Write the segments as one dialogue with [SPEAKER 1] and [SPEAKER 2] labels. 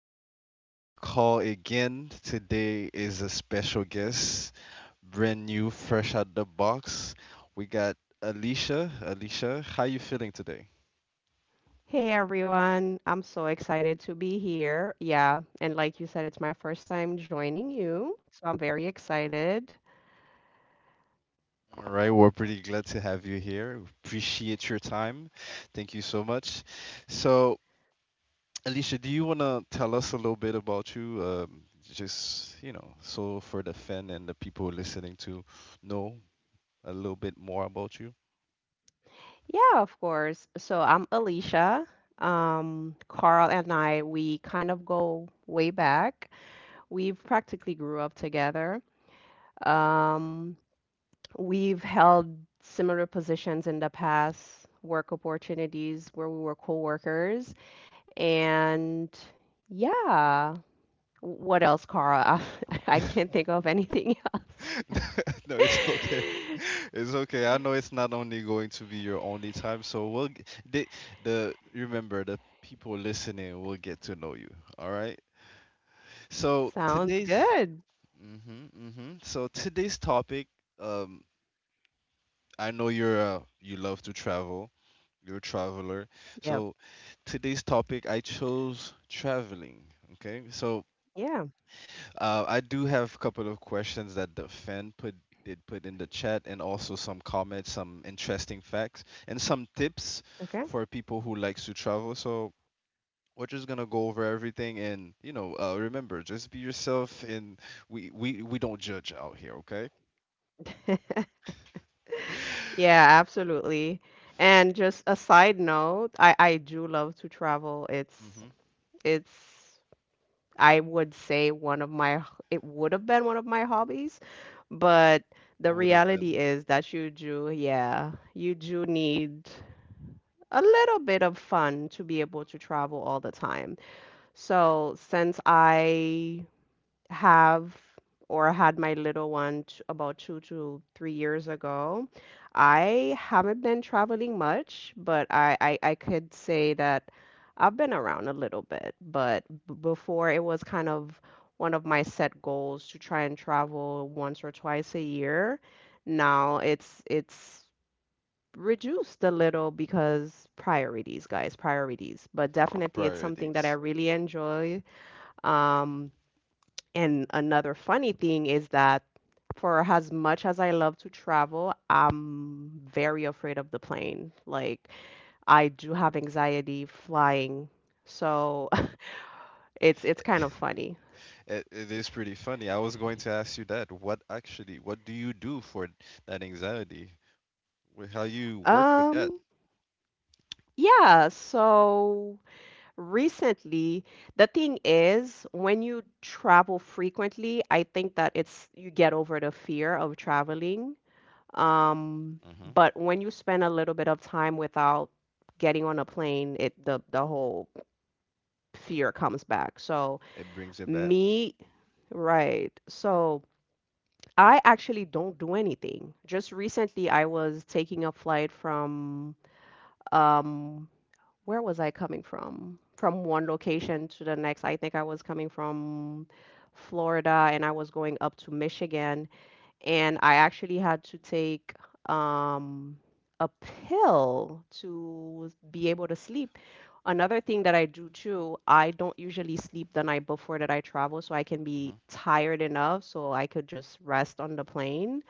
[SPEAKER 1] this is your boy Call again. Today is a special guest, brand new, fresh out the box. We got Alicia. Alicia, how you feeling today?
[SPEAKER 2] Hey everyone, I'm so excited to be here. Yeah, and like you said, it's my first time joining you, so I'm very excited.
[SPEAKER 1] All right, we're pretty glad to have you here. Appreciate your time. Thank you so much. So, Alicia, do you want to tell us a little bit about you? Just, so for the fan and the people listening to know a little bit more about you.
[SPEAKER 2] Yeah, of course. So I'm Alicia. Carl and I, we kind of go way back. We've practically grew up together. Um, we've held similar positions in the past, work opportunities where we were co-workers, and yeah. What else, Cara? I can't think of anything else.
[SPEAKER 1] No, it's okay. It's okay. I know it's not only going to be your only time, so the the remember the people listening will get to know you. All right. So
[SPEAKER 2] Sounds
[SPEAKER 1] today's
[SPEAKER 2] good.
[SPEAKER 1] mhm. Mhm. So today's topic. Um, I know you're you love to travel. You're a traveler.
[SPEAKER 2] Yep.
[SPEAKER 1] So today's topic I chose traveling. Okay. So
[SPEAKER 2] Yeah.
[SPEAKER 1] I do have a couple of questions that the fan put did put in the chat, and also some comments, some interesting facts, and some tips
[SPEAKER 2] Okay.
[SPEAKER 1] for people who likes to travel. So we're just gonna go over everything, and remember, just be yourself, and we don't judge out here, okay?
[SPEAKER 2] Yeah, absolutely. And just a side note, I do love to travel. It's
[SPEAKER 1] Mm-hmm.
[SPEAKER 2] it's I would say one of my it would have been one of my hobbies, but the
[SPEAKER 1] Would have been
[SPEAKER 2] reality is that you do, yeah, you do need a little bit of fun to be able to travel all the time. So since I have or had my little one about 2 to 3 years ago, I haven't been traveling much, but I could say that I've been around a little bit. But before it was kind of one of my set goals to try and travel once or twice a year. Now it's reduced a little because priorities, guys, priorities. But definitely it's something that I
[SPEAKER 1] priorities.
[SPEAKER 2] really enjoy. um, and another funny thing is that for as much as I love to travel, I'm very afraid of the plane. Like I do have anxiety flying. So it's kind of funny.
[SPEAKER 1] It is pretty funny. I was going to ask you that. What do you do for that anxiety? How you work with that?
[SPEAKER 2] Um, yeah, so recently, the thing is, when you travel frequently, I think that it's you get over the fear of traveling. Um,
[SPEAKER 1] Mm-hmm.
[SPEAKER 2] but when you spend a little bit of time without getting on a plane, it the whole fear comes back. So
[SPEAKER 1] It brings it back.
[SPEAKER 2] me, right. So I actually don't do anything. Just recently, I was taking a flight from um where was I coming from? From one location to the next. I think I was coming from Florida and I was going up to Michigan, and I actually had to take um, a pill to be able to sleep. Another thing that I do too, I don't usually sleep the night before that I travel, so I can be
[SPEAKER 1] Mhm.
[SPEAKER 2] tired enough so I could just rest on the plane.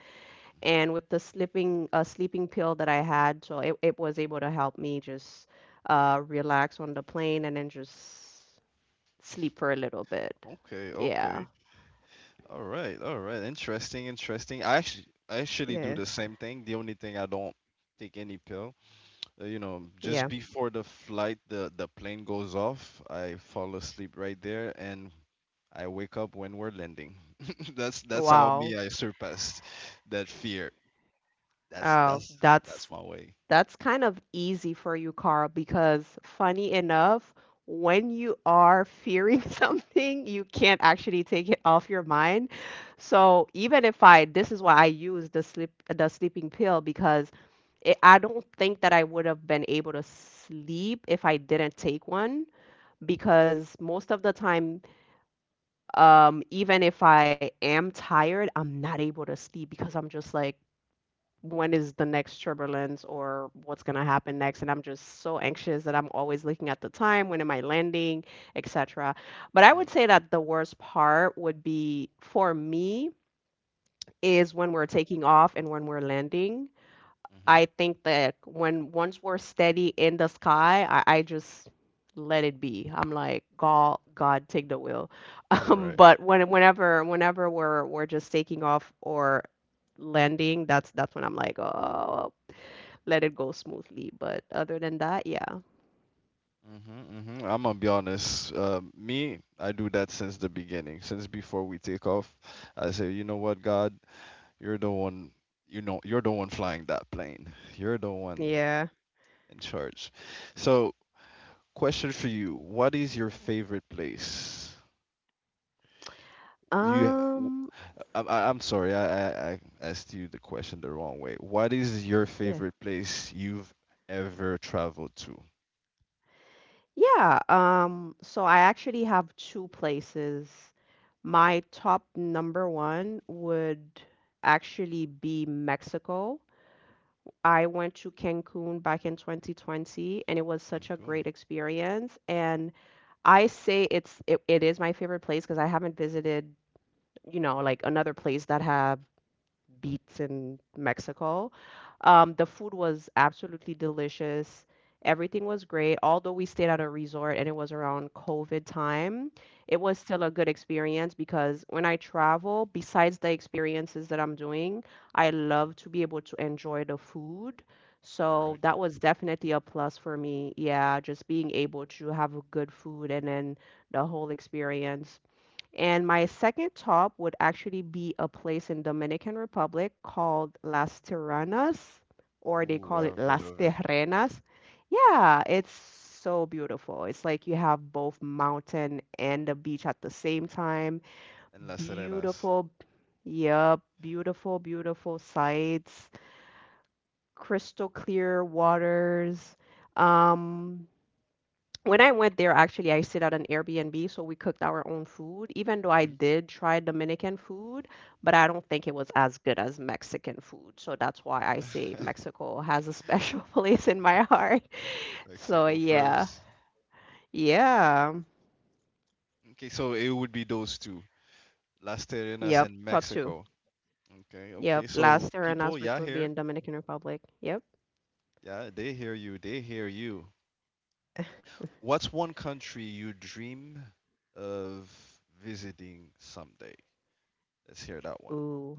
[SPEAKER 2] And with the sleeping sleeping pill that I had, so it was able to help me just relax on the plane and then just sleep for a little bit.
[SPEAKER 1] Okay,
[SPEAKER 2] Yeah.
[SPEAKER 1] okay. All right, all right. Interesting, interesting. I actually do
[SPEAKER 2] Yeah.
[SPEAKER 1] the same thing. The only thing I don't take any pill. You know,
[SPEAKER 2] Yeah.
[SPEAKER 1] just before the flight, the plane goes off, I fall asleep right there and I wake up when we're landing. That's how
[SPEAKER 2] Wow.
[SPEAKER 1] me I surpassed that fear. That's
[SPEAKER 2] Oh,
[SPEAKER 1] that's
[SPEAKER 2] that's
[SPEAKER 1] that's my way.
[SPEAKER 2] That's kind of easy for you, Carl, because funny enough, when you are fearing something, you can't actually take it off your mind. So even if I, this is why I use the sleeping pill because it, I don't think that I would have been able to sleep if I didn't take one. Because most of the time, even if I am tired, I'm not able to sleep because I'm just like, when is the next turbulence or what's going to happen next, and I'm just so anxious that I'm always looking at the time, when am I landing, etc. But I
[SPEAKER 1] Mm.
[SPEAKER 2] would say that the worst part would be for me is when we're taking off and when we're landing.
[SPEAKER 1] Mm-hmm.
[SPEAKER 2] I think that when once we're steady in the sky, I just let it be. I'm like, God, take the wheel. um,
[SPEAKER 1] Correct.
[SPEAKER 2] but when whenever whenever we're just taking off or landing, that's when I'm like, oh, let it go smoothly. But other than that, yeah.
[SPEAKER 1] Mm-hmm. Hmm, I'm gonna be honest. Me, I do that since the beginning, since before we take off. I say, you know what, God, you're the one. You know, you're the one flying that plane. You're the one
[SPEAKER 2] Yeah.
[SPEAKER 1] in charge. So, question for you: what is your favorite place? You, w-
[SPEAKER 2] Um,
[SPEAKER 1] I'm sorry, I asked you the question the wrong way. What is your
[SPEAKER 2] Yeah.
[SPEAKER 1] favorite place you've ever traveled to?
[SPEAKER 2] Yeah. So I actually have two places. My top number one would actually be Mexico. I went to Cancun back in 2020 and it was such a great
[SPEAKER 1] Cancun,
[SPEAKER 2] experience. And I say it is my favorite place because I haven't visited, you know, like another place that have beats in Mexico. The food was absolutely delicious. Everything was great. Although we stayed at a resort and it was around COVID time, it was still a good experience because when I travel, besides the experiences that I'm doing, I love to be able to enjoy the food. So
[SPEAKER 1] correct.
[SPEAKER 2] that was definitely a plus for me. Yeah, just being able to have good food and then the whole experience. And my second top would actually be a place in Dominican Republic called Las Terrenas, or they
[SPEAKER 1] Ooh,
[SPEAKER 2] call it
[SPEAKER 1] I've heard
[SPEAKER 2] Las
[SPEAKER 1] of it.
[SPEAKER 2] Terrenas. Yeah, it's so beautiful. It's like you have both mountain and the beach at the same time.
[SPEAKER 1] And Las Serenas.
[SPEAKER 2] Beautiful, yep, beautiful, beautiful sights, crystal clear waters. Um, when I went there, actually, I stayed at an Airbnb, so we cooked our own food, even though I
[SPEAKER 1] Mhm.
[SPEAKER 2] did try Dominican food, but I don't think it was as good as Mexican food. So that's why I say Mexico has a special place in my heart. So
[SPEAKER 1] Mexico
[SPEAKER 2] yeah.
[SPEAKER 1] first.
[SPEAKER 2] Yeah.
[SPEAKER 1] Okay, so it would be those two, Las Terrenas
[SPEAKER 2] Yep.
[SPEAKER 1] and
[SPEAKER 2] Top two.
[SPEAKER 1] Mexico. Okay,
[SPEAKER 2] Yep.
[SPEAKER 1] okay. So
[SPEAKER 2] Las
[SPEAKER 1] people,
[SPEAKER 2] Terrenas, which
[SPEAKER 1] yeah,
[SPEAKER 2] would be
[SPEAKER 1] here,
[SPEAKER 2] in Dominican Republic. Yep.
[SPEAKER 1] yeah, they hear you, they hear you. What's one country you dream of visiting someday? Let's hear that one.
[SPEAKER 2] Ooh.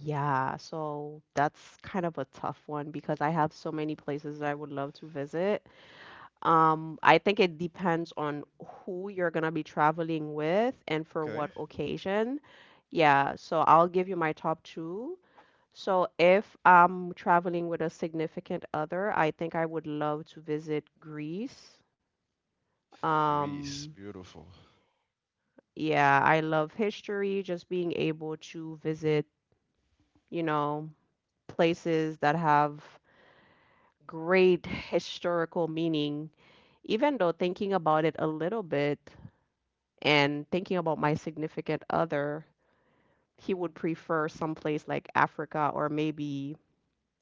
[SPEAKER 2] Yeah. So that's kind of a tough one because I have so many places that I would love to visit. I think it depends on who you're gonna be traveling with and for
[SPEAKER 1] Okay,
[SPEAKER 2] what occasion. Yeah, so I'll give you my top two. So if I'm traveling with a significant other, I think I would love to visit Greece.
[SPEAKER 1] Greece,
[SPEAKER 2] Um,
[SPEAKER 1] beautiful.
[SPEAKER 2] yeah, I love history, just being able to visit, you know, places that have great historical meaning, even though thinking about it a little bit. And thinking about my significant other, he would prefer someplace like Africa or maybe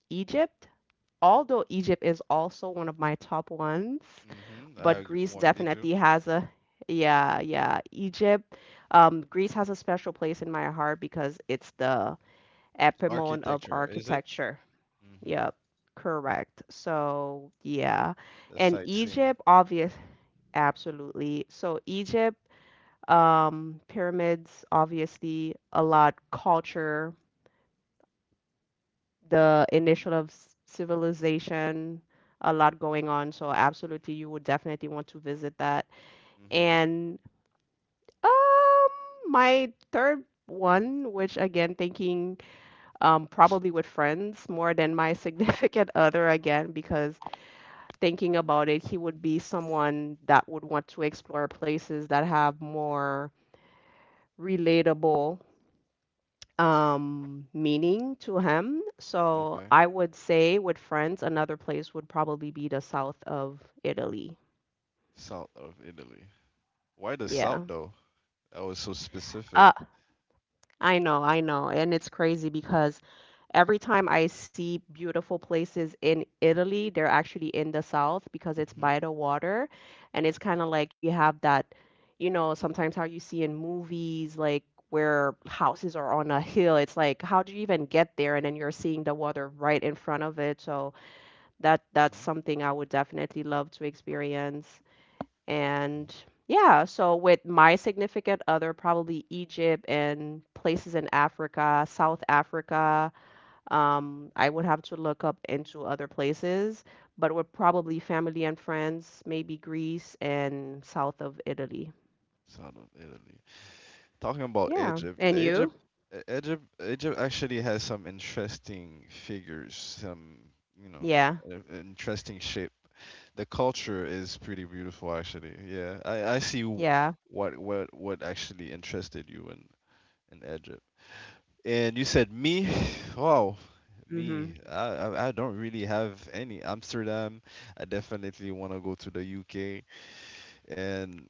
[SPEAKER 2] Egypt, although Egypt is also one of my top ones,
[SPEAKER 1] Mm-hmm. I
[SPEAKER 2] but
[SPEAKER 1] agree.
[SPEAKER 2] Greece
[SPEAKER 1] Want me too.
[SPEAKER 2] definitely has a yeah, yeah, Egypt. Greece has a special place in my heart because it's the epimone of
[SPEAKER 1] Architecture, is it?
[SPEAKER 2] architecture.
[SPEAKER 1] Mm-hmm.
[SPEAKER 2] Yep, correct. So, yeah.
[SPEAKER 1] The
[SPEAKER 2] And
[SPEAKER 1] sightseeing.
[SPEAKER 2] Egypt, obvious, absolutely. So, Egypt pyramids, obviously, a lot culture, the initial of civilization, a lot going on. So absolutely, you would definitely want to visit that.
[SPEAKER 1] Mm-hmm.
[SPEAKER 2] And um, my third one, which again, thinking probably with friends more than my significant other again, because thinking about it, he would be someone that would want to explore places that have more relatable meaning to him. So
[SPEAKER 1] Okay.
[SPEAKER 2] I would say with friends, another place would probably be the south of Italy.
[SPEAKER 1] South of Italy. Why the south
[SPEAKER 2] Yeah.
[SPEAKER 1] though? That was so specific.
[SPEAKER 2] Uh, I know, I know. And it's crazy because every time I see beautiful places in Italy, they're actually in the south because it's
[SPEAKER 1] Hmm.
[SPEAKER 2] by the water. And it's kind of like you have that, you know, sometimes how you see in movies, like where houses are on a hill. It's like, how do you even get there? And then you're seeing the water right in front of it. So that's
[SPEAKER 1] Hmm.
[SPEAKER 2] something I would definitely love to experience. And yeah, so with my significant other, probably Egypt and places in Africa, South Africa. I would have to look up into other places, but with probably family and friends, maybe Greece and south of Italy.
[SPEAKER 1] South of Italy. Talking about
[SPEAKER 2] Yeah.
[SPEAKER 1] Egypt,
[SPEAKER 2] And
[SPEAKER 1] the
[SPEAKER 2] you?
[SPEAKER 1] Egypt, uh, Egypt, Egypt actually has some interesting figures, some you know,
[SPEAKER 2] Yeah.
[SPEAKER 1] interesting shape. The culture is pretty beautiful, actually. Yeah, I see
[SPEAKER 2] Yeah.
[SPEAKER 1] what what actually interested you in Egypt. And you said me, wow, me.
[SPEAKER 2] hmm
[SPEAKER 1] I don't really have any. Amsterdam. I definitely want to go to the UK. And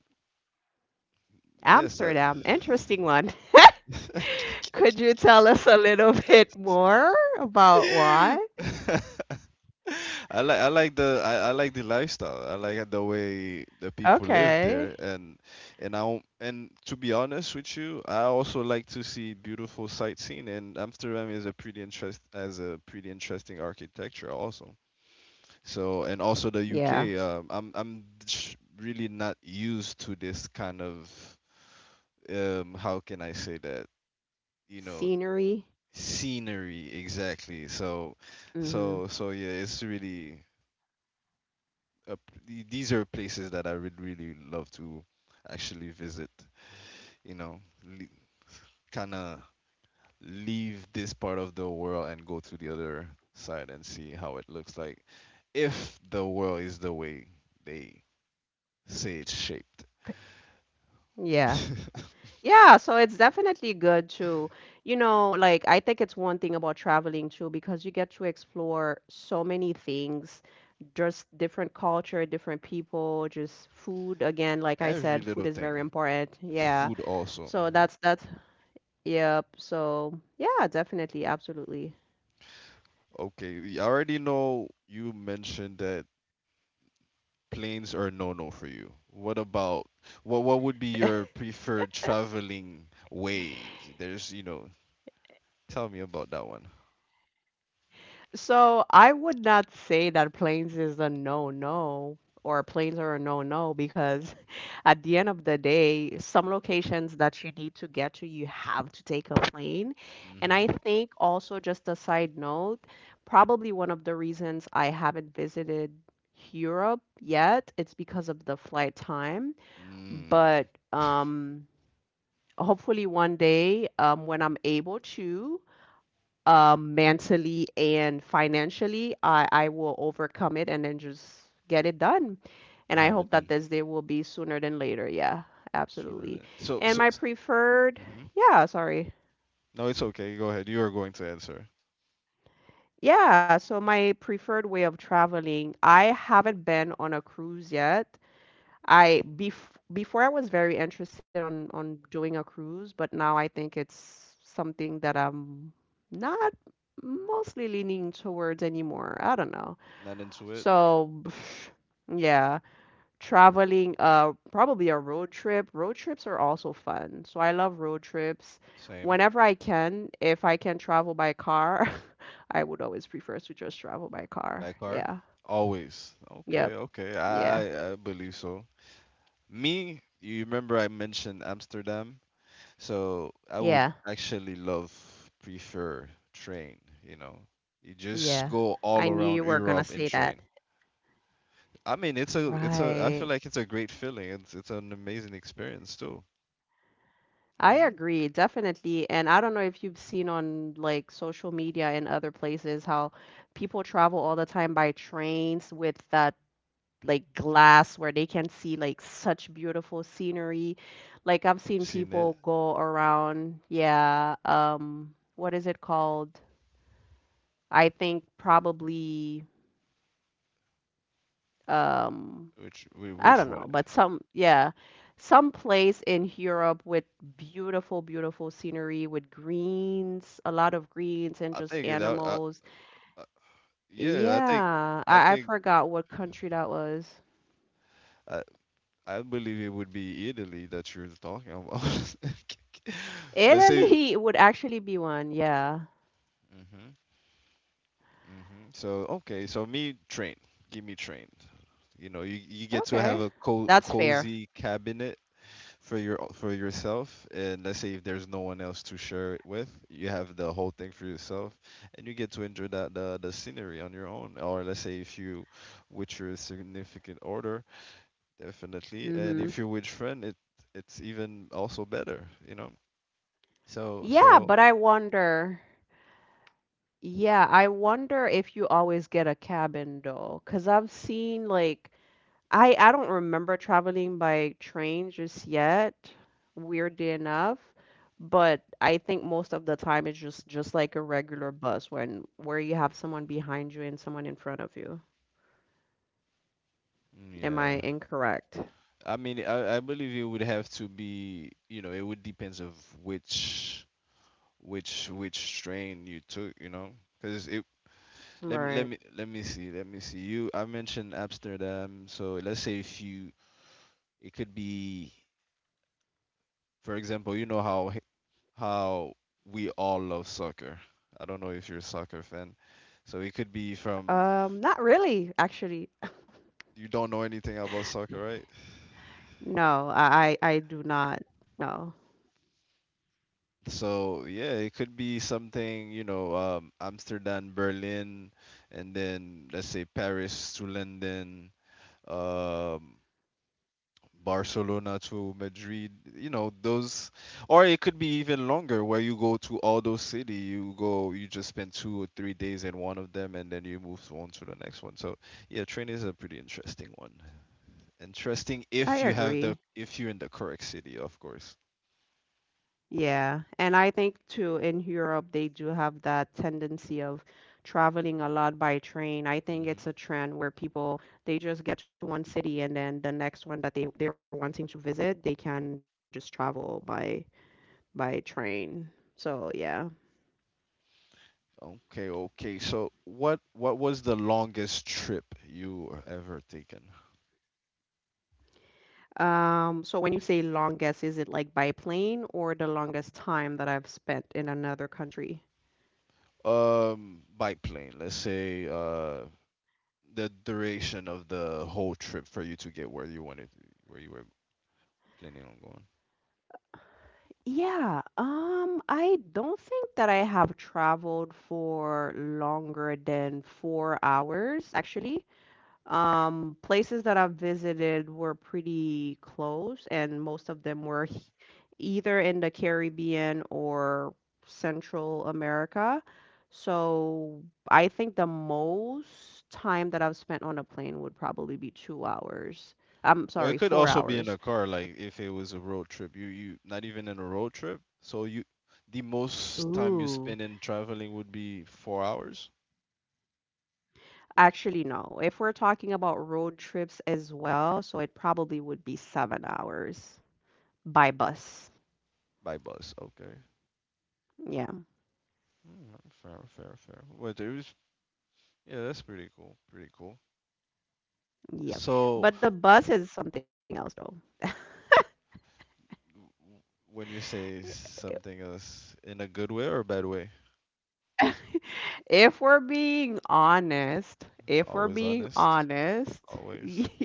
[SPEAKER 1] yes, I,
[SPEAKER 2] Amsterdam, interesting one. Could you tell us a little bit more about why?
[SPEAKER 1] I like the I like the lifestyle. I like the way the people live there,
[SPEAKER 2] Okay.
[SPEAKER 1] and I don't- and to be honest with you, I also like to see beautiful sightseeing. And Amsterdam is a pretty interest has a pretty interesting architecture also. So and also the
[SPEAKER 2] Yeah.
[SPEAKER 1] UK. I'm really not used to this kind of. How can I say that? You know,
[SPEAKER 2] Scenery.
[SPEAKER 1] scenery exactly. so
[SPEAKER 2] Mhm.
[SPEAKER 1] so so yeah, it's really these are places that I would really love to actually visit, you know, le- kind of leave this part of the world and go to the other side and see how it looks like, if the world is the way they say it's shaped.
[SPEAKER 2] Yeah. Yeah, so it's definitely good to, you know, like I think it's one thing about traveling too, because you get to explore so many things, just different culture, different people, just food. Again, like I
[SPEAKER 1] Every
[SPEAKER 2] said, food
[SPEAKER 1] little
[SPEAKER 2] is very
[SPEAKER 1] thing.
[SPEAKER 2] important. Yeah.
[SPEAKER 1] Food also.
[SPEAKER 2] So
[SPEAKER 1] Hmm.
[SPEAKER 2] that's yep. So yeah, definitely, absolutely.
[SPEAKER 1] Okay, we already know you mentioned that planes are no-no for you. What would be your preferred traveling way? There's, you know, tell me about that one.
[SPEAKER 2] So I would not say that planes is a no-no or planes are a no-no because at the end of the day, some locations that you need to get to, you have to take a plane. And
[SPEAKER 1] Mm-hmm.
[SPEAKER 2] I think also just a side note, probably one of the reasons I haven't visited Europe yet, it's because of the flight time.
[SPEAKER 1] Mm.
[SPEAKER 2] But hopefully one day when I'm able to mentally and financially, I will overcome it and then just get it done. And
[SPEAKER 1] I
[SPEAKER 2] I
[SPEAKER 1] have it
[SPEAKER 2] hope that
[SPEAKER 1] done
[SPEAKER 2] this day will be sooner than later. Yeah,
[SPEAKER 1] sooner
[SPEAKER 2] absolutely.
[SPEAKER 1] than so
[SPEAKER 2] And
[SPEAKER 1] so.
[SPEAKER 2] my preferred,
[SPEAKER 1] Mm-hmm.
[SPEAKER 2] yeah, sorry.
[SPEAKER 1] No, it's okay. Go ahead. You are going to answer.
[SPEAKER 2] Yeah, so my preferred way of traveling, I haven't been on a cruise yet. I bef before I was very interested on doing a cruise, but now I think it's something that I'm not mostly leaning towards anymore. I don't know.
[SPEAKER 1] Not into it.
[SPEAKER 2] So, yeah, traveling, probably a road trip. Road trips are also fun. So I love road trips.
[SPEAKER 1] Same.
[SPEAKER 2] Whenever I can, if I can travel by car, I would always prefer to just travel by car.
[SPEAKER 1] By car.
[SPEAKER 2] Yeah.
[SPEAKER 1] Always. Okay.
[SPEAKER 2] Yep.
[SPEAKER 1] Okay.
[SPEAKER 2] Yeah.
[SPEAKER 1] I believe so. Me, you remember I mentioned Amsterdam. So I would
[SPEAKER 2] Yeah.
[SPEAKER 1] actually love, prefer train, you know. You just
[SPEAKER 2] Yeah.
[SPEAKER 1] go all
[SPEAKER 2] I knew
[SPEAKER 1] around
[SPEAKER 2] you were gonna
[SPEAKER 1] Europe in
[SPEAKER 2] say that.
[SPEAKER 1] train. I mean, I feel
[SPEAKER 2] Right.
[SPEAKER 1] like it's a great feeling. It's an amazing experience too.
[SPEAKER 2] I
[SPEAKER 1] Hmm.
[SPEAKER 2] agree, definitely. And I don't know if you've seen on like social media and other places how people travel all the time by trains with that like glass where they can see like such beautiful scenery. Like I've seen
[SPEAKER 1] Seen it?
[SPEAKER 2] people go around, yeah, what is it called? I think probably um I
[SPEAKER 1] Which
[SPEAKER 2] don't
[SPEAKER 1] one?
[SPEAKER 2] know, but some, some place in Europe with beautiful scenery with greens, a lot of greens and
[SPEAKER 1] I
[SPEAKER 2] just
[SPEAKER 1] think it,
[SPEAKER 2] animals.
[SPEAKER 1] I- Yeah,
[SPEAKER 2] Yeah,
[SPEAKER 1] I
[SPEAKER 2] I
[SPEAKER 1] think,
[SPEAKER 2] forgot what country that was.
[SPEAKER 1] I, I believe it would be Italy that you're talking about. Let's say.
[SPEAKER 2] Italy would actually be one, yeah.
[SPEAKER 1] Hmm. Hmm. So, okay, so me, train. Give me train. You know, you get to have
[SPEAKER 2] Okay.
[SPEAKER 1] a co
[SPEAKER 2] That's fair.
[SPEAKER 1] cozy cabinet for your for yourself, and let's say if there's no one else to share it with, you have the whole thing for yourself, and you get to enjoy the scenery on your own. Or let's say if you with your significant order, definitely, and
[SPEAKER 2] Hmm.
[SPEAKER 1] if you with friend, it's even also better, you know. So
[SPEAKER 2] Yeah,
[SPEAKER 1] so
[SPEAKER 2] but I wonder. Yeah, I wonder if you always get a cabin though, 'cause I've seen like I don't remember traveling by train just yet, weirdly enough, but I think most of the time it's just like a regular bus when where you have someone behind you and someone in front of you.
[SPEAKER 1] mm,
[SPEAKER 2] Am I
[SPEAKER 1] yeah.
[SPEAKER 2] incorrect?
[SPEAKER 1] I mean, I believe it would have to be, you know, it would depends of which which strain you took, you know? Because it
[SPEAKER 2] Right.
[SPEAKER 1] Let me see you. I mentioned Amsterdam, so let's say if you it could be, for example, you know how how we all love soccer. I don't know if you're a soccer fan, so it could be from
[SPEAKER 2] Not really, actually.
[SPEAKER 1] you don't know anything about soccer, right?
[SPEAKER 2] No, I do not. No.
[SPEAKER 1] So yeah, it could be something, you know, Amsterdam, Berlin, and then let's say Paris to London. Um, Barcelona to Madrid, you know, those, or it could be even longer where you go to all those city, you go, you just spend two or three days in one of them and then you move on to the next one. So yeah, train is a pretty interesting one. Interesting
[SPEAKER 2] I
[SPEAKER 1] if you have
[SPEAKER 2] agree.
[SPEAKER 1] the, if you're in the correct city, of course.
[SPEAKER 2] Yeah. And I think too in Europe they do have that tendency of traveling a lot by train. I think
[SPEAKER 1] Hmm.
[SPEAKER 2] it's a trend where people they just get to one city and then the next one that they're wanting to visit, they can just travel by train. So, yeah.
[SPEAKER 1] Okay, okay. So what was the longest trip you were ever taken?
[SPEAKER 2] So when you say longest, is it like by plane or the longest time that I've spent in another country?
[SPEAKER 1] By plane, let's say. The duration of the whole trip for you to get where you wanted to, where you were planning on going.
[SPEAKER 2] Yeah, I don't think that I have traveled for longer than 4 hours, actually. Places that I've visited were pretty close, and most of them were either in the Caribbean or Central America. So I think the most time that I've spent on a plane would probably be 2 hours. I'm sorry, four
[SPEAKER 1] Well, it could
[SPEAKER 2] hours.
[SPEAKER 1] also be in a car, like if it was a road trip. You not even in a road trip, so you the most
[SPEAKER 2] Ooh.
[SPEAKER 1] time you spend in traveling would be 4 hours
[SPEAKER 2] Actually, no. If we're talking about road trips as well, so it probably would be 7 hours by bus.
[SPEAKER 1] by bus. Okay.
[SPEAKER 2] Yeah,
[SPEAKER 1] Mm, fair, fair, fair. Well, there's yeah, that's pretty cool, pretty cool.
[SPEAKER 2] yep.
[SPEAKER 1] So
[SPEAKER 2] But the bus is something else, though.
[SPEAKER 1] w- w- when you say something else in a good way or a bad way,
[SPEAKER 2] If we're being honest, if
[SPEAKER 1] always
[SPEAKER 2] we're being
[SPEAKER 1] honest,
[SPEAKER 2] honest,
[SPEAKER 1] always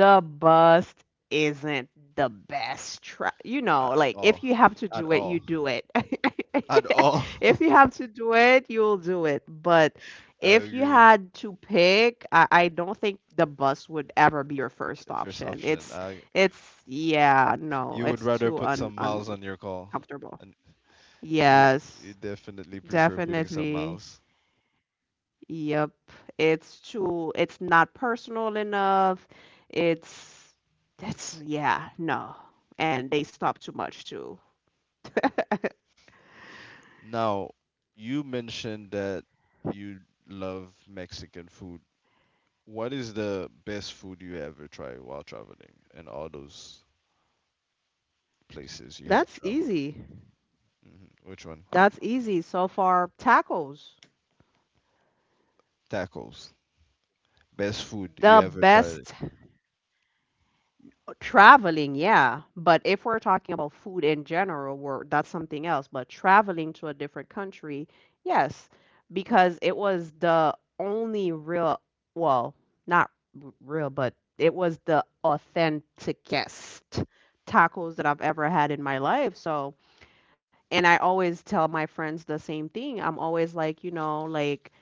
[SPEAKER 2] the bust isn't the best try, you know,
[SPEAKER 1] at
[SPEAKER 2] like if
[SPEAKER 1] all,
[SPEAKER 2] you have to
[SPEAKER 1] at
[SPEAKER 2] do it you
[SPEAKER 1] all.
[SPEAKER 2] do it.
[SPEAKER 1] At all?
[SPEAKER 2] If you have to do it you'll do it, but
[SPEAKER 1] I
[SPEAKER 2] if you
[SPEAKER 1] agree.
[SPEAKER 2] had to pick, I don't think the bus would ever be your first
[SPEAKER 1] First
[SPEAKER 2] option.
[SPEAKER 1] option.
[SPEAKER 2] it's
[SPEAKER 1] I,
[SPEAKER 2] it's yeah, no,
[SPEAKER 1] you would
[SPEAKER 2] it's
[SPEAKER 1] rather
[SPEAKER 2] too
[SPEAKER 1] put
[SPEAKER 2] un
[SPEAKER 1] some miles on your call,
[SPEAKER 2] uncomfortable.
[SPEAKER 1] and you you
[SPEAKER 2] Yes,
[SPEAKER 1] definitely prefer putting some
[SPEAKER 2] definitely.
[SPEAKER 1] miles.
[SPEAKER 2] Yep, it's too, it's not personal enough. It's that's yeah, no. And they stop too much too.
[SPEAKER 1] Now, you mentioned that you love Mexican food. What is the best food you ever tried while traveling in all those places you have
[SPEAKER 2] That's
[SPEAKER 1] traveled?
[SPEAKER 2] easy.
[SPEAKER 1] Hmm. Which one?
[SPEAKER 2] That's easy. So far, tacos.
[SPEAKER 1] Tacos. Best food you
[SPEAKER 2] The
[SPEAKER 1] ever tried?
[SPEAKER 2] best. Traveling, yeah, but if we're talking about food in general, that's something else. But traveling to a different country, yes, because it was the only real, well, not real, but it was the authenticest tacos that I've ever had in my life. So, and I always tell my friends the same thing. I'm always like, you know, like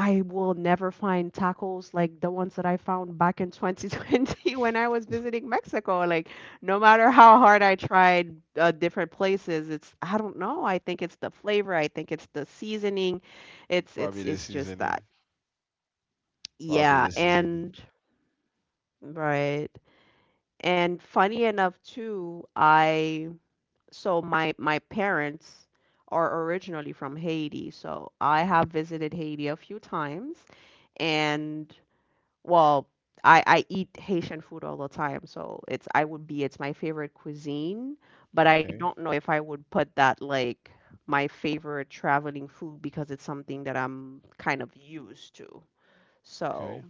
[SPEAKER 2] I will never find tacos like the ones that I found back in 2020 when I was visiting Mexico. Like, no matter how hard I tried different places, it's I don't know. I think it's the flavor. I think it's the seasoning. It's
[SPEAKER 1] Probably
[SPEAKER 2] it's
[SPEAKER 1] the
[SPEAKER 2] it's just that.
[SPEAKER 1] seasoning. Probably
[SPEAKER 2] Yeah,
[SPEAKER 1] the seasoning.
[SPEAKER 2] and right. And funny enough too, I so my parents are originally from Haiti, so I
[SPEAKER 1] Hmm.
[SPEAKER 2] have visited Haiti a few times. And well, I eat Haitian food all the time, so it's I would be it's my favorite cuisine, but I
[SPEAKER 1] Okay.
[SPEAKER 2] don't know if I would put that like my favorite traveling food because it's something that I'm kind of used to.
[SPEAKER 1] Okay.
[SPEAKER 2] So,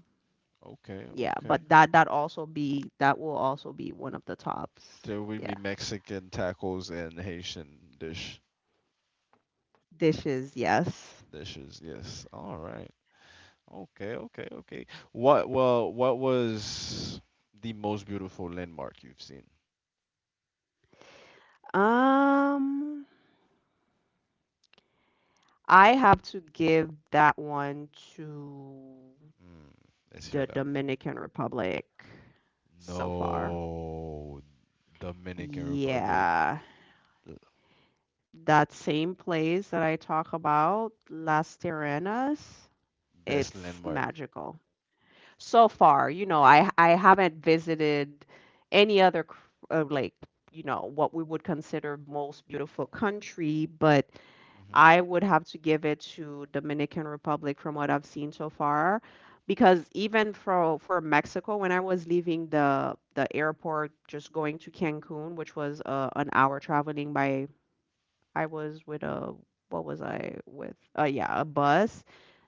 [SPEAKER 1] Okay.
[SPEAKER 2] yeah,
[SPEAKER 1] Okay.
[SPEAKER 2] but that also be that will also be one of the tops.
[SPEAKER 1] There would
[SPEAKER 2] Yeah.
[SPEAKER 1] be Mexican tacos and Haitian dish
[SPEAKER 2] Dishes, yes.
[SPEAKER 1] dishes. Yes. All right. Okay. Okay. Okay. What? Well, what was the most beautiful landmark you've seen?
[SPEAKER 2] Um, I have to give that one to
[SPEAKER 1] Mm, let's
[SPEAKER 2] the
[SPEAKER 1] hear that.
[SPEAKER 2] Dominican Republic so far.
[SPEAKER 1] No, Dominican Republic,
[SPEAKER 2] Yeah,
[SPEAKER 1] the
[SPEAKER 2] that same place that I talk about, Las Terrenas,
[SPEAKER 1] best
[SPEAKER 2] it's
[SPEAKER 1] landmark.
[SPEAKER 2] magical. So far, you know, I haven't visited any other like, you know, what we would consider most beautiful country, but
[SPEAKER 1] Mhm.
[SPEAKER 2] I would have to give it to Dominican Republic from what I've seen so far, because even for Mexico, when I was leaving the airport, just going to Cancun, which was an hour traveling by I was with a what was I with? Yeah, a bus.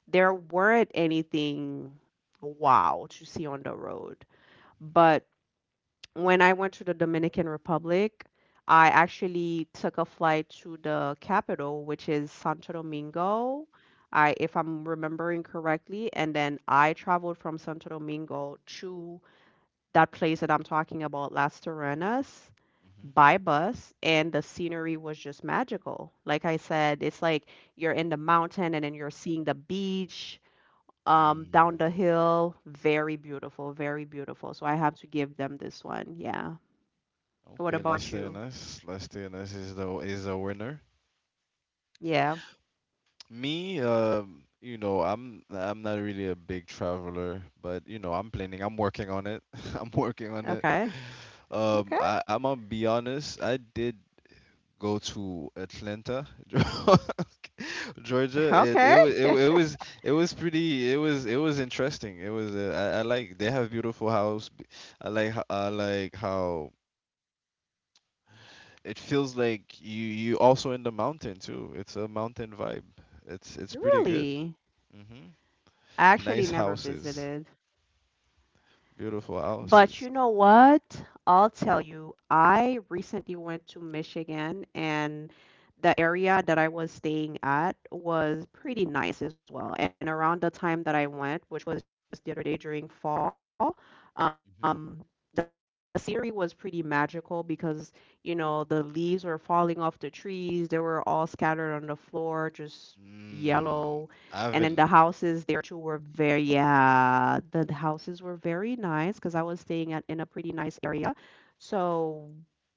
[SPEAKER 2] There weren't anything wow to see on the road. But when I went to the Dominican Republic, I actually took a flight to the capital, which is Santo Domingo. I, if I'm remembering correctly, and then I traveled from Santo Domingo to that place that I'm talking about, Las Terrenas,
[SPEAKER 1] Mhm.
[SPEAKER 2] by bus, and the scenery was just magical. Like I said, it's like you're in the mountain and then you're seeing the beach
[SPEAKER 1] Mm.
[SPEAKER 2] down the hill. Very beautiful, very beautiful. So I have to give them this one. Yeah. What
[SPEAKER 1] Okay, Las
[SPEAKER 2] about you?
[SPEAKER 1] Tenas. Las Tenas is the winner.
[SPEAKER 2] Yeah.
[SPEAKER 1] Me, you know, I'm not really a big traveler, but you know, I'm planning. I'm working on it. I'm working on it.
[SPEAKER 2] Okay. Okay.
[SPEAKER 1] I'm gonna be honest. I did go to Atlanta, Georgia, and
[SPEAKER 2] Okay.
[SPEAKER 1] it was pretty. It was interesting. It was I like they have beautiful house. I like how it feels like you also in the mountain too. It's a mountain vibe. It's pretty good.
[SPEAKER 2] Really?
[SPEAKER 1] Hmm.
[SPEAKER 2] I actually
[SPEAKER 1] Nice
[SPEAKER 2] never
[SPEAKER 1] houses,
[SPEAKER 2] visited.
[SPEAKER 1] beautiful
[SPEAKER 2] But you
[SPEAKER 1] houses.
[SPEAKER 2] know what? I'll tell you, I recently went to Michigan and the area that I was staying at was pretty nice as well. And around the time that I went, which was just the other day during fall,
[SPEAKER 1] Hmm.
[SPEAKER 2] um, the scenery was pretty magical because, you know, the leaves were falling off the trees. They were all scattered on the floor, just
[SPEAKER 1] Mm,
[SPEAKER 2] yellow. And then the
[SPEAKER 1] Avel.
[SPEAKER 2] houses there too were very, yeah, the houses were very nice because I was staying at in a pretty nice area. So,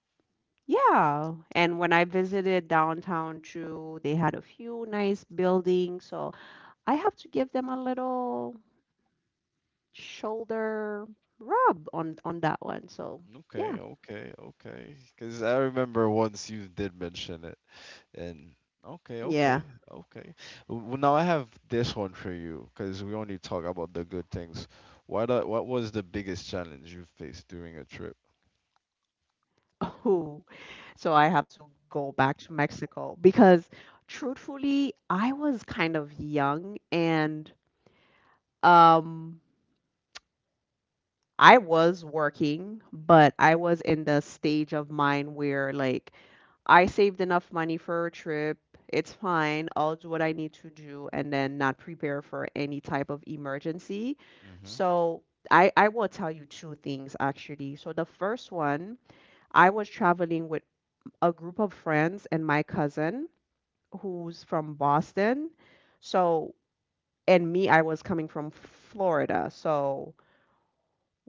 [SPEAKER 2] yeah. And when I visited downtown too, they had a few nice buildings. So I have to give them a little shoulder rub on that one. So,
[SPEAKER 1] Okay,
[SPEAKER 2] yeah.
[SPEAKER 1] okay, okay. Because I remember once you did mention it, and okay,
[SPEAKER 2] Yeah.
[SPEAKER 1] okay, okay. Well, now I have this one for you, because we only talk about the good things. What was the biggest challenge you faced during a trip.
[SPEAKER 2] Who so I have to go back to Mexico because truthfully I was kind of young and um I was working but I was in the stage of mine where like I saved enough money for a trip, it's fine I'll do what I need to do and then not prepare for any type of emergency.
[SPEAKER 1] Hmm.
[SPEAKER 2] So i will tell you 2 things, actually. So the first one, I was traveling with a group of friends and my cousin who's from Boston. So, and me, I was coming from Florida. So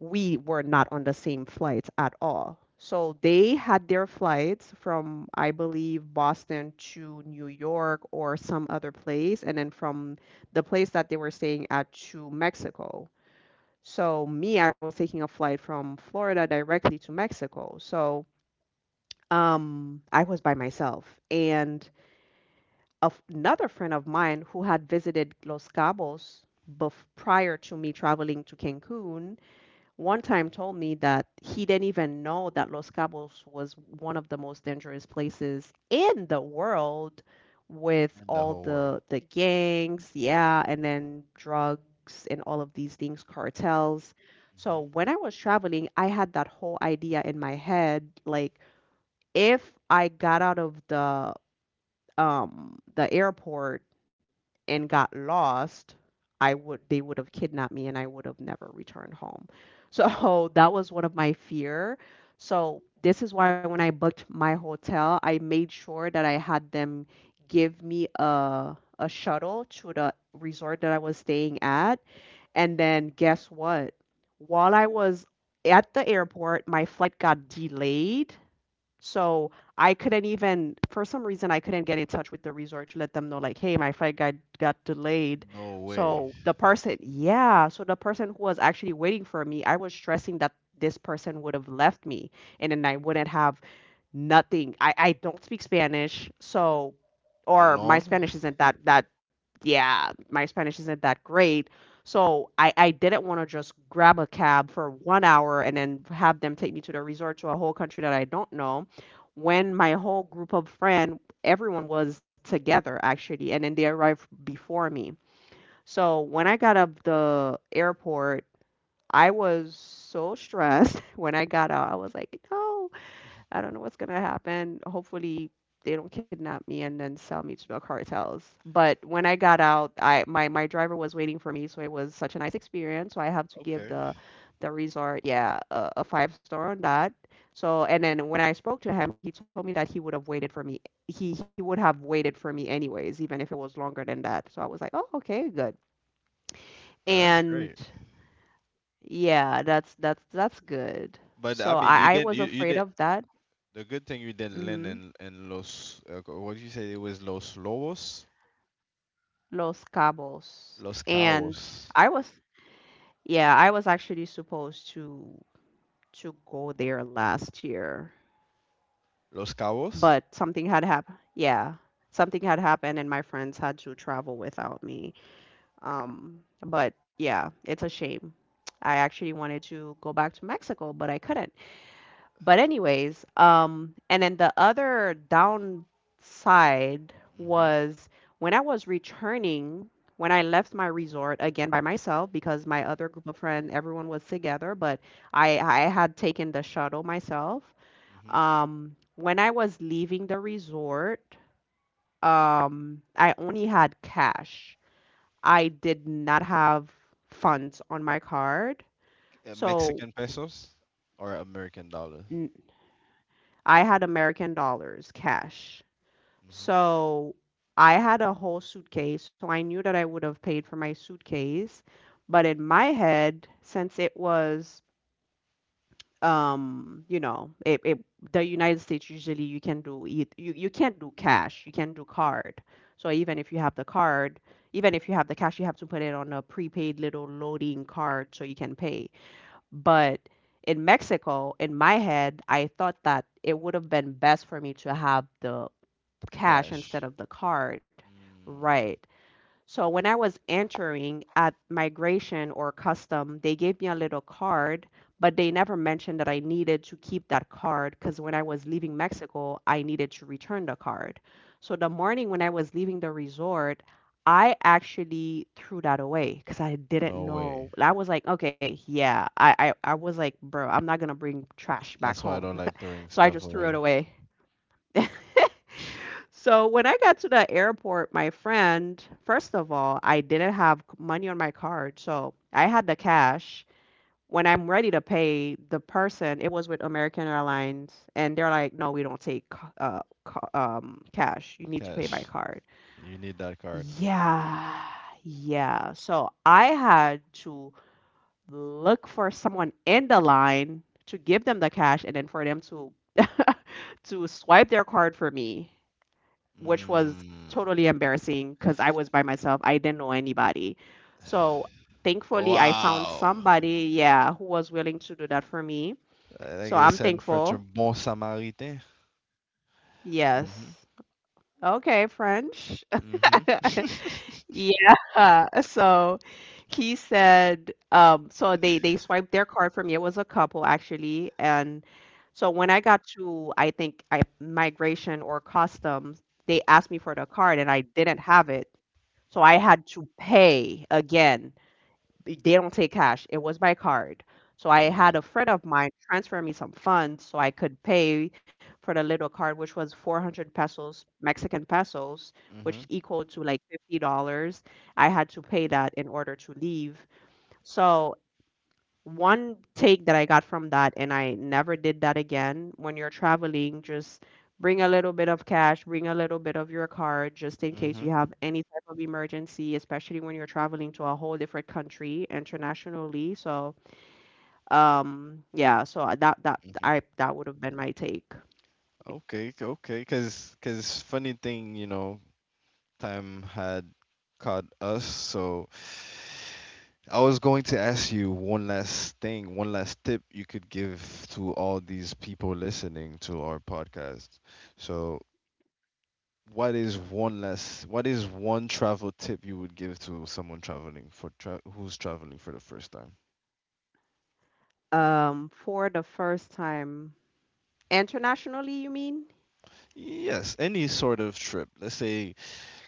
[SPEAKER 2] we were not on the same flights at all. So they had their flights from, I believe, Boston to New York or some other place, and then from the place that they were staying at to Mexico. So me, I was taking a flight from Florida directly to Mexico. So I was by myself, and of another friend of mine who had visited Los Cabos prior to me traveling to Cancun, one time told me that he didn't even know that Los Cabos was one of the most dangerous places in the world with
[SPEAKER 1] In the
[SPEAKER 2] all
[SPEAKER 1] whole world?
[SPEAKER 2] the gangs, yeah, and then drugs and all of these things, cartels.
[SPEAKER 1] Hmm.
[SPEAKER 2] So when I was traveling, I had that whole idea in my head, like if I got out of the airport and got lost, I would they would have kidnapped me and I would have never returned home. So that was one of my fear. So this is why when I booked my hotel, I made sure that I had them give me a shuttle to the resort that I was staying at. And then guess what? While I was at the airport, my flight got delayed, so I couldn't even, for some reason, I couldn't get in touch with the resort to let them know, like, hey, my flight got delayed.
[SPEAKER 1] No way.
[SPEAKER 2] So the person, yeah, so the person who was actually waiting for me, I was stressing that this person would have left me and then I wouldn't have nothing. I don't speak Spanish, so or my
[SPEAKER 1] Alone?
[SPEAKER 2] Spanish isn't that yeah, my Spanish isn't that great. So I didn't want to just grab a cab for 1 hour and then have them take me to the resort to a whole country that I don't know. When my whole group of friend, everyone was together actually, and then they arrived before me. So when I got up the airport, I was so stressed. When I got out, I was like, no, I don't know what's gonna happen. Hopefully they don't kidnap me and then sell me to the cartels. But when I got out, I my my driver was waiting for me, so it was such a nice experience. So I have to
[SPEAKER 1] Okay,
[SPEAKER 2] give the resort, yeah, a 5 star on that. So and then when I spoke to him, he told me that he would have waited for me. He would have waited for me anyways, even if it was longer than that. So I was like, oh, okay, good.
[SPEAKER 1] that's
[SPEAKER 2] And
[SPEAKER 1] great.
[SPEAKER 2] yeah, that's that's good.
[SPEAKER 1] But I
[SPEAKER 2] So
[SPEAKER 1] mean, you
[SPEAKER 2] I
[SPEAKER 1] didn't.
[SPEAKER 2] was
[SPEAKER 1] You
[SPEAKER 2] afraid
[SPEAKER 1] did.
[SPEAKER 2] of that.
[SPEAKER 1] The good thing you didn't land
[SPEAKER 2] Mm-hmm.
[SPEAKER 1] in Los, what did you say? It was Los Lobos?
[SPEAKER 2] Los Cabos.
[SPEAKER 1] Los
[SPEAKER 2] And
[SPEAKER 1] Cabos.
[SPEAKER 2] I was, yeah, I was actually supposed to go there last year,
[SPEAKER 1] Los Cabos?
[SPEAKER 2] but something had happened. Yeah, something had happened, and my friends had to travel without me. But yeah, it's a shame. I actually wanted to go back to Mexico, but I couldn't. But anyways, and then the other downside
[SPEAKER 1] Mm-hmm.
[SPEAKER 2] was when I was returning, when I left my resort again by myself because my other group of friends, everyone was together, but I had taken the shuttle myself.
[SPEAKER 1] Mm-hmm.
[SPEAKER 2] When I was leaving the resort, I only had cash. I did not have funds on my card, so
[SPEAKER 1] Mexican pesos or American dollars?
[SPEAKER 2] n- I had American dollars cash.
[SPEAKER 1] Mm-hmm.
[SPEAKER 2] So I had a whole suitcase, so I knew that I would have paid for my suitcase. But in my head, since it was, you know, it the United States usually you can do it. You can't do cash, you can do card. So even if you have the card, even if you have the cash, you have to put it on a prepaid little loading card so you can pay. But in Mexico, in my head, I thought that it would have been best for me to have the cash instead
[SPEAKER 1] Cash.
[SPEAKER 2] of the card. Right.
[SPEAKER 1] Mm,
[SPEAKER 2] So when I was entering at migration or custom, they gave me a little card, but they never mentioned that I needed to keep that card because when I was leaving Mexico, I needed to return the card. So the morning when I was leaving the resort, I actually threw that away because I didn't
[SPEAKER 1] no way.
[SPEAKER 2] know. I was like, okay, yeah, I was like, bro, I'm not gonna bring trash back
[SPEAKER 1] That's why
[SPEAKER 2] home.
[SPEAKER 1] I don't like throwing
[SPEAKER 2] So I
[SPEAKER 1] stuff
[SPEAKER 2] just threw
[SPEAKER 1] away.
[SPEAKER 2] it away. So when I got to the airport, my friend, first of all, I didn't have money on my card, so I had the cash. When I'm ready to pay the person, it was with American Airlines, and they're like, "No, we don't take cash. You need to pay
[SPEAKER 1] Cash.
[SPEAKER 2] by card."
[SPEAKER 1] You need that card.
[SPEAKER 2] Yeah, yeah. So I had to look for someone in the line to give them the cash, and then for them to to swipe their card for me, which was
[SPEAKER 1] Mm.
[SPEAKER 2] totally embarrassing because I was by myself. I didn't know anybody. So thankfully, I found
[SPEAKER 1] Wow.
[SPEAKER 2] somebody, yeah, who was willing to do that for me.
[SPEAKER 1] Like
[SPEAKER 2] So
[SPEAKER 1] they
[SPEAKER 2] I'm
[SPEAKER 1] said in French, a
[SPEAKER 2] thankful.
[SPEAKER 1] bon Samaritain. Mm-hmm.
[SPEAKER 2] Yes. Okay, French.
[SPEAKER 1] Mm-hmm.
[SPEAKER 2] Yeah. So he said, so they swiped their card from me. It was a couple actually, and so when I got to, I think I migration or customs, they asked me for the card and I didn't have it, so I had to pay again. They don't take cash. It was by card. So I had
[SPEAKER 1] Mm-hmm.
[SPEAKER 2] a friend of mine transfer me some funds so I could pay for the little card, which was 400 pesos, Mexican pesos, which equal to like $50. I had to pay that in order to leave. So one take that I got from that, and I never did that again. When you're traveling, just bring a little bit of cash, bring a little bit of your card, just in case
[SPEAKER 1] Mm-hmm.
[SPEAKER 2] you have any type of emergency, especially when you're traveling to a whole different country internationally. So, yeah,
[SPEAKER 1] Mm-hmm.
[SPEAKER 2] that would have been my take.
[SPEAKER 1] Okay, cause funny thing, you know, time had caught us. So I was going to ask you one last thing, one last tip you could give to all these people listening to our podcast. So what is one travel tip you would give to someone traveling for who's traveling for the first time?
[SPEAKER 2] For the first time internationally, you mean?
[SPEAKER 1] Yes, any sort of trip. Let's say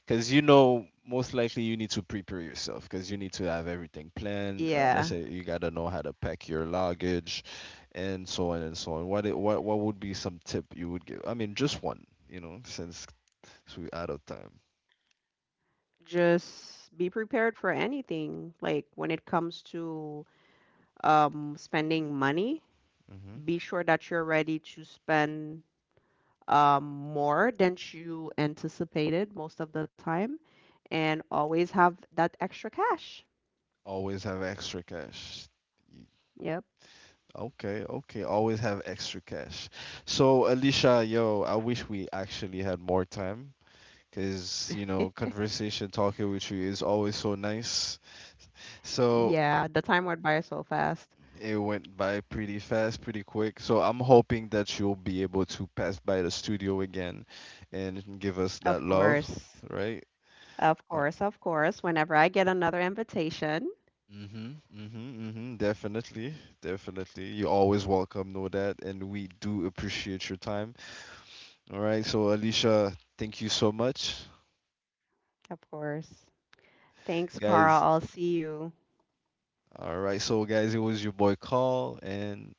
[SPEAKER 1] because you know, most likely you need to prepare yourself because you need to have everything planned. Let's
[SPEAKER 2] Yeah,
[SPEAKER 1] say you gotta know how to pack your luggage, and so on and so on. What what would be some tip you would give? I mean, just one, you know, since we're out of time.
[SPEAKER 2] just be prepared for anything. Like when it comes to spending money,
[SPEAKER 1] Hmm.
[SPEAKER 2] be sure that you're ready to spend more than you anticipated most of the time, and always have that extra cash.
[SPEAKER 1] Always have extra cash. Y-.
[SPEAKER 2] Yep.
[SPEAKER 1] Okay, okay. Always have extra cash. So, Alicia, yo, I wish we actually had more time because, you know, conversation, talking with you is always so nice. So,
[SPEAKER 2] Yeah, the time went by so fast.
[SPEAKER 1] it went by pretty fast, pretty quick. So I'm hoping that you'll be able to pass by the studio again and give us that
[SPEAKER 2] Of
[SPEAKER 1] love,
[SPEAKER 2] course.
[SPEAKER 1] right?
[SPEAKER 2] Of
[SPEAKER 1] Uh,
[SPEAKER 2] course. Of course. Whenever I get another invitation,
[SPEAKER 1] mhm, mhm, mhm. Definitely, definitely. You're always welcome, know that, and we do appreciate your time. All right. So Alicia, thank you so much,
[SPEAKER 2] of course. Thanks, Carl.
[SPEAKER 1] guys.
[SPEAKER 2] I'll see you.
[SPEAKER 1] All right. So guys, it was your boy Call, and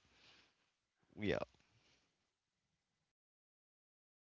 [SPEAKER 1] we out.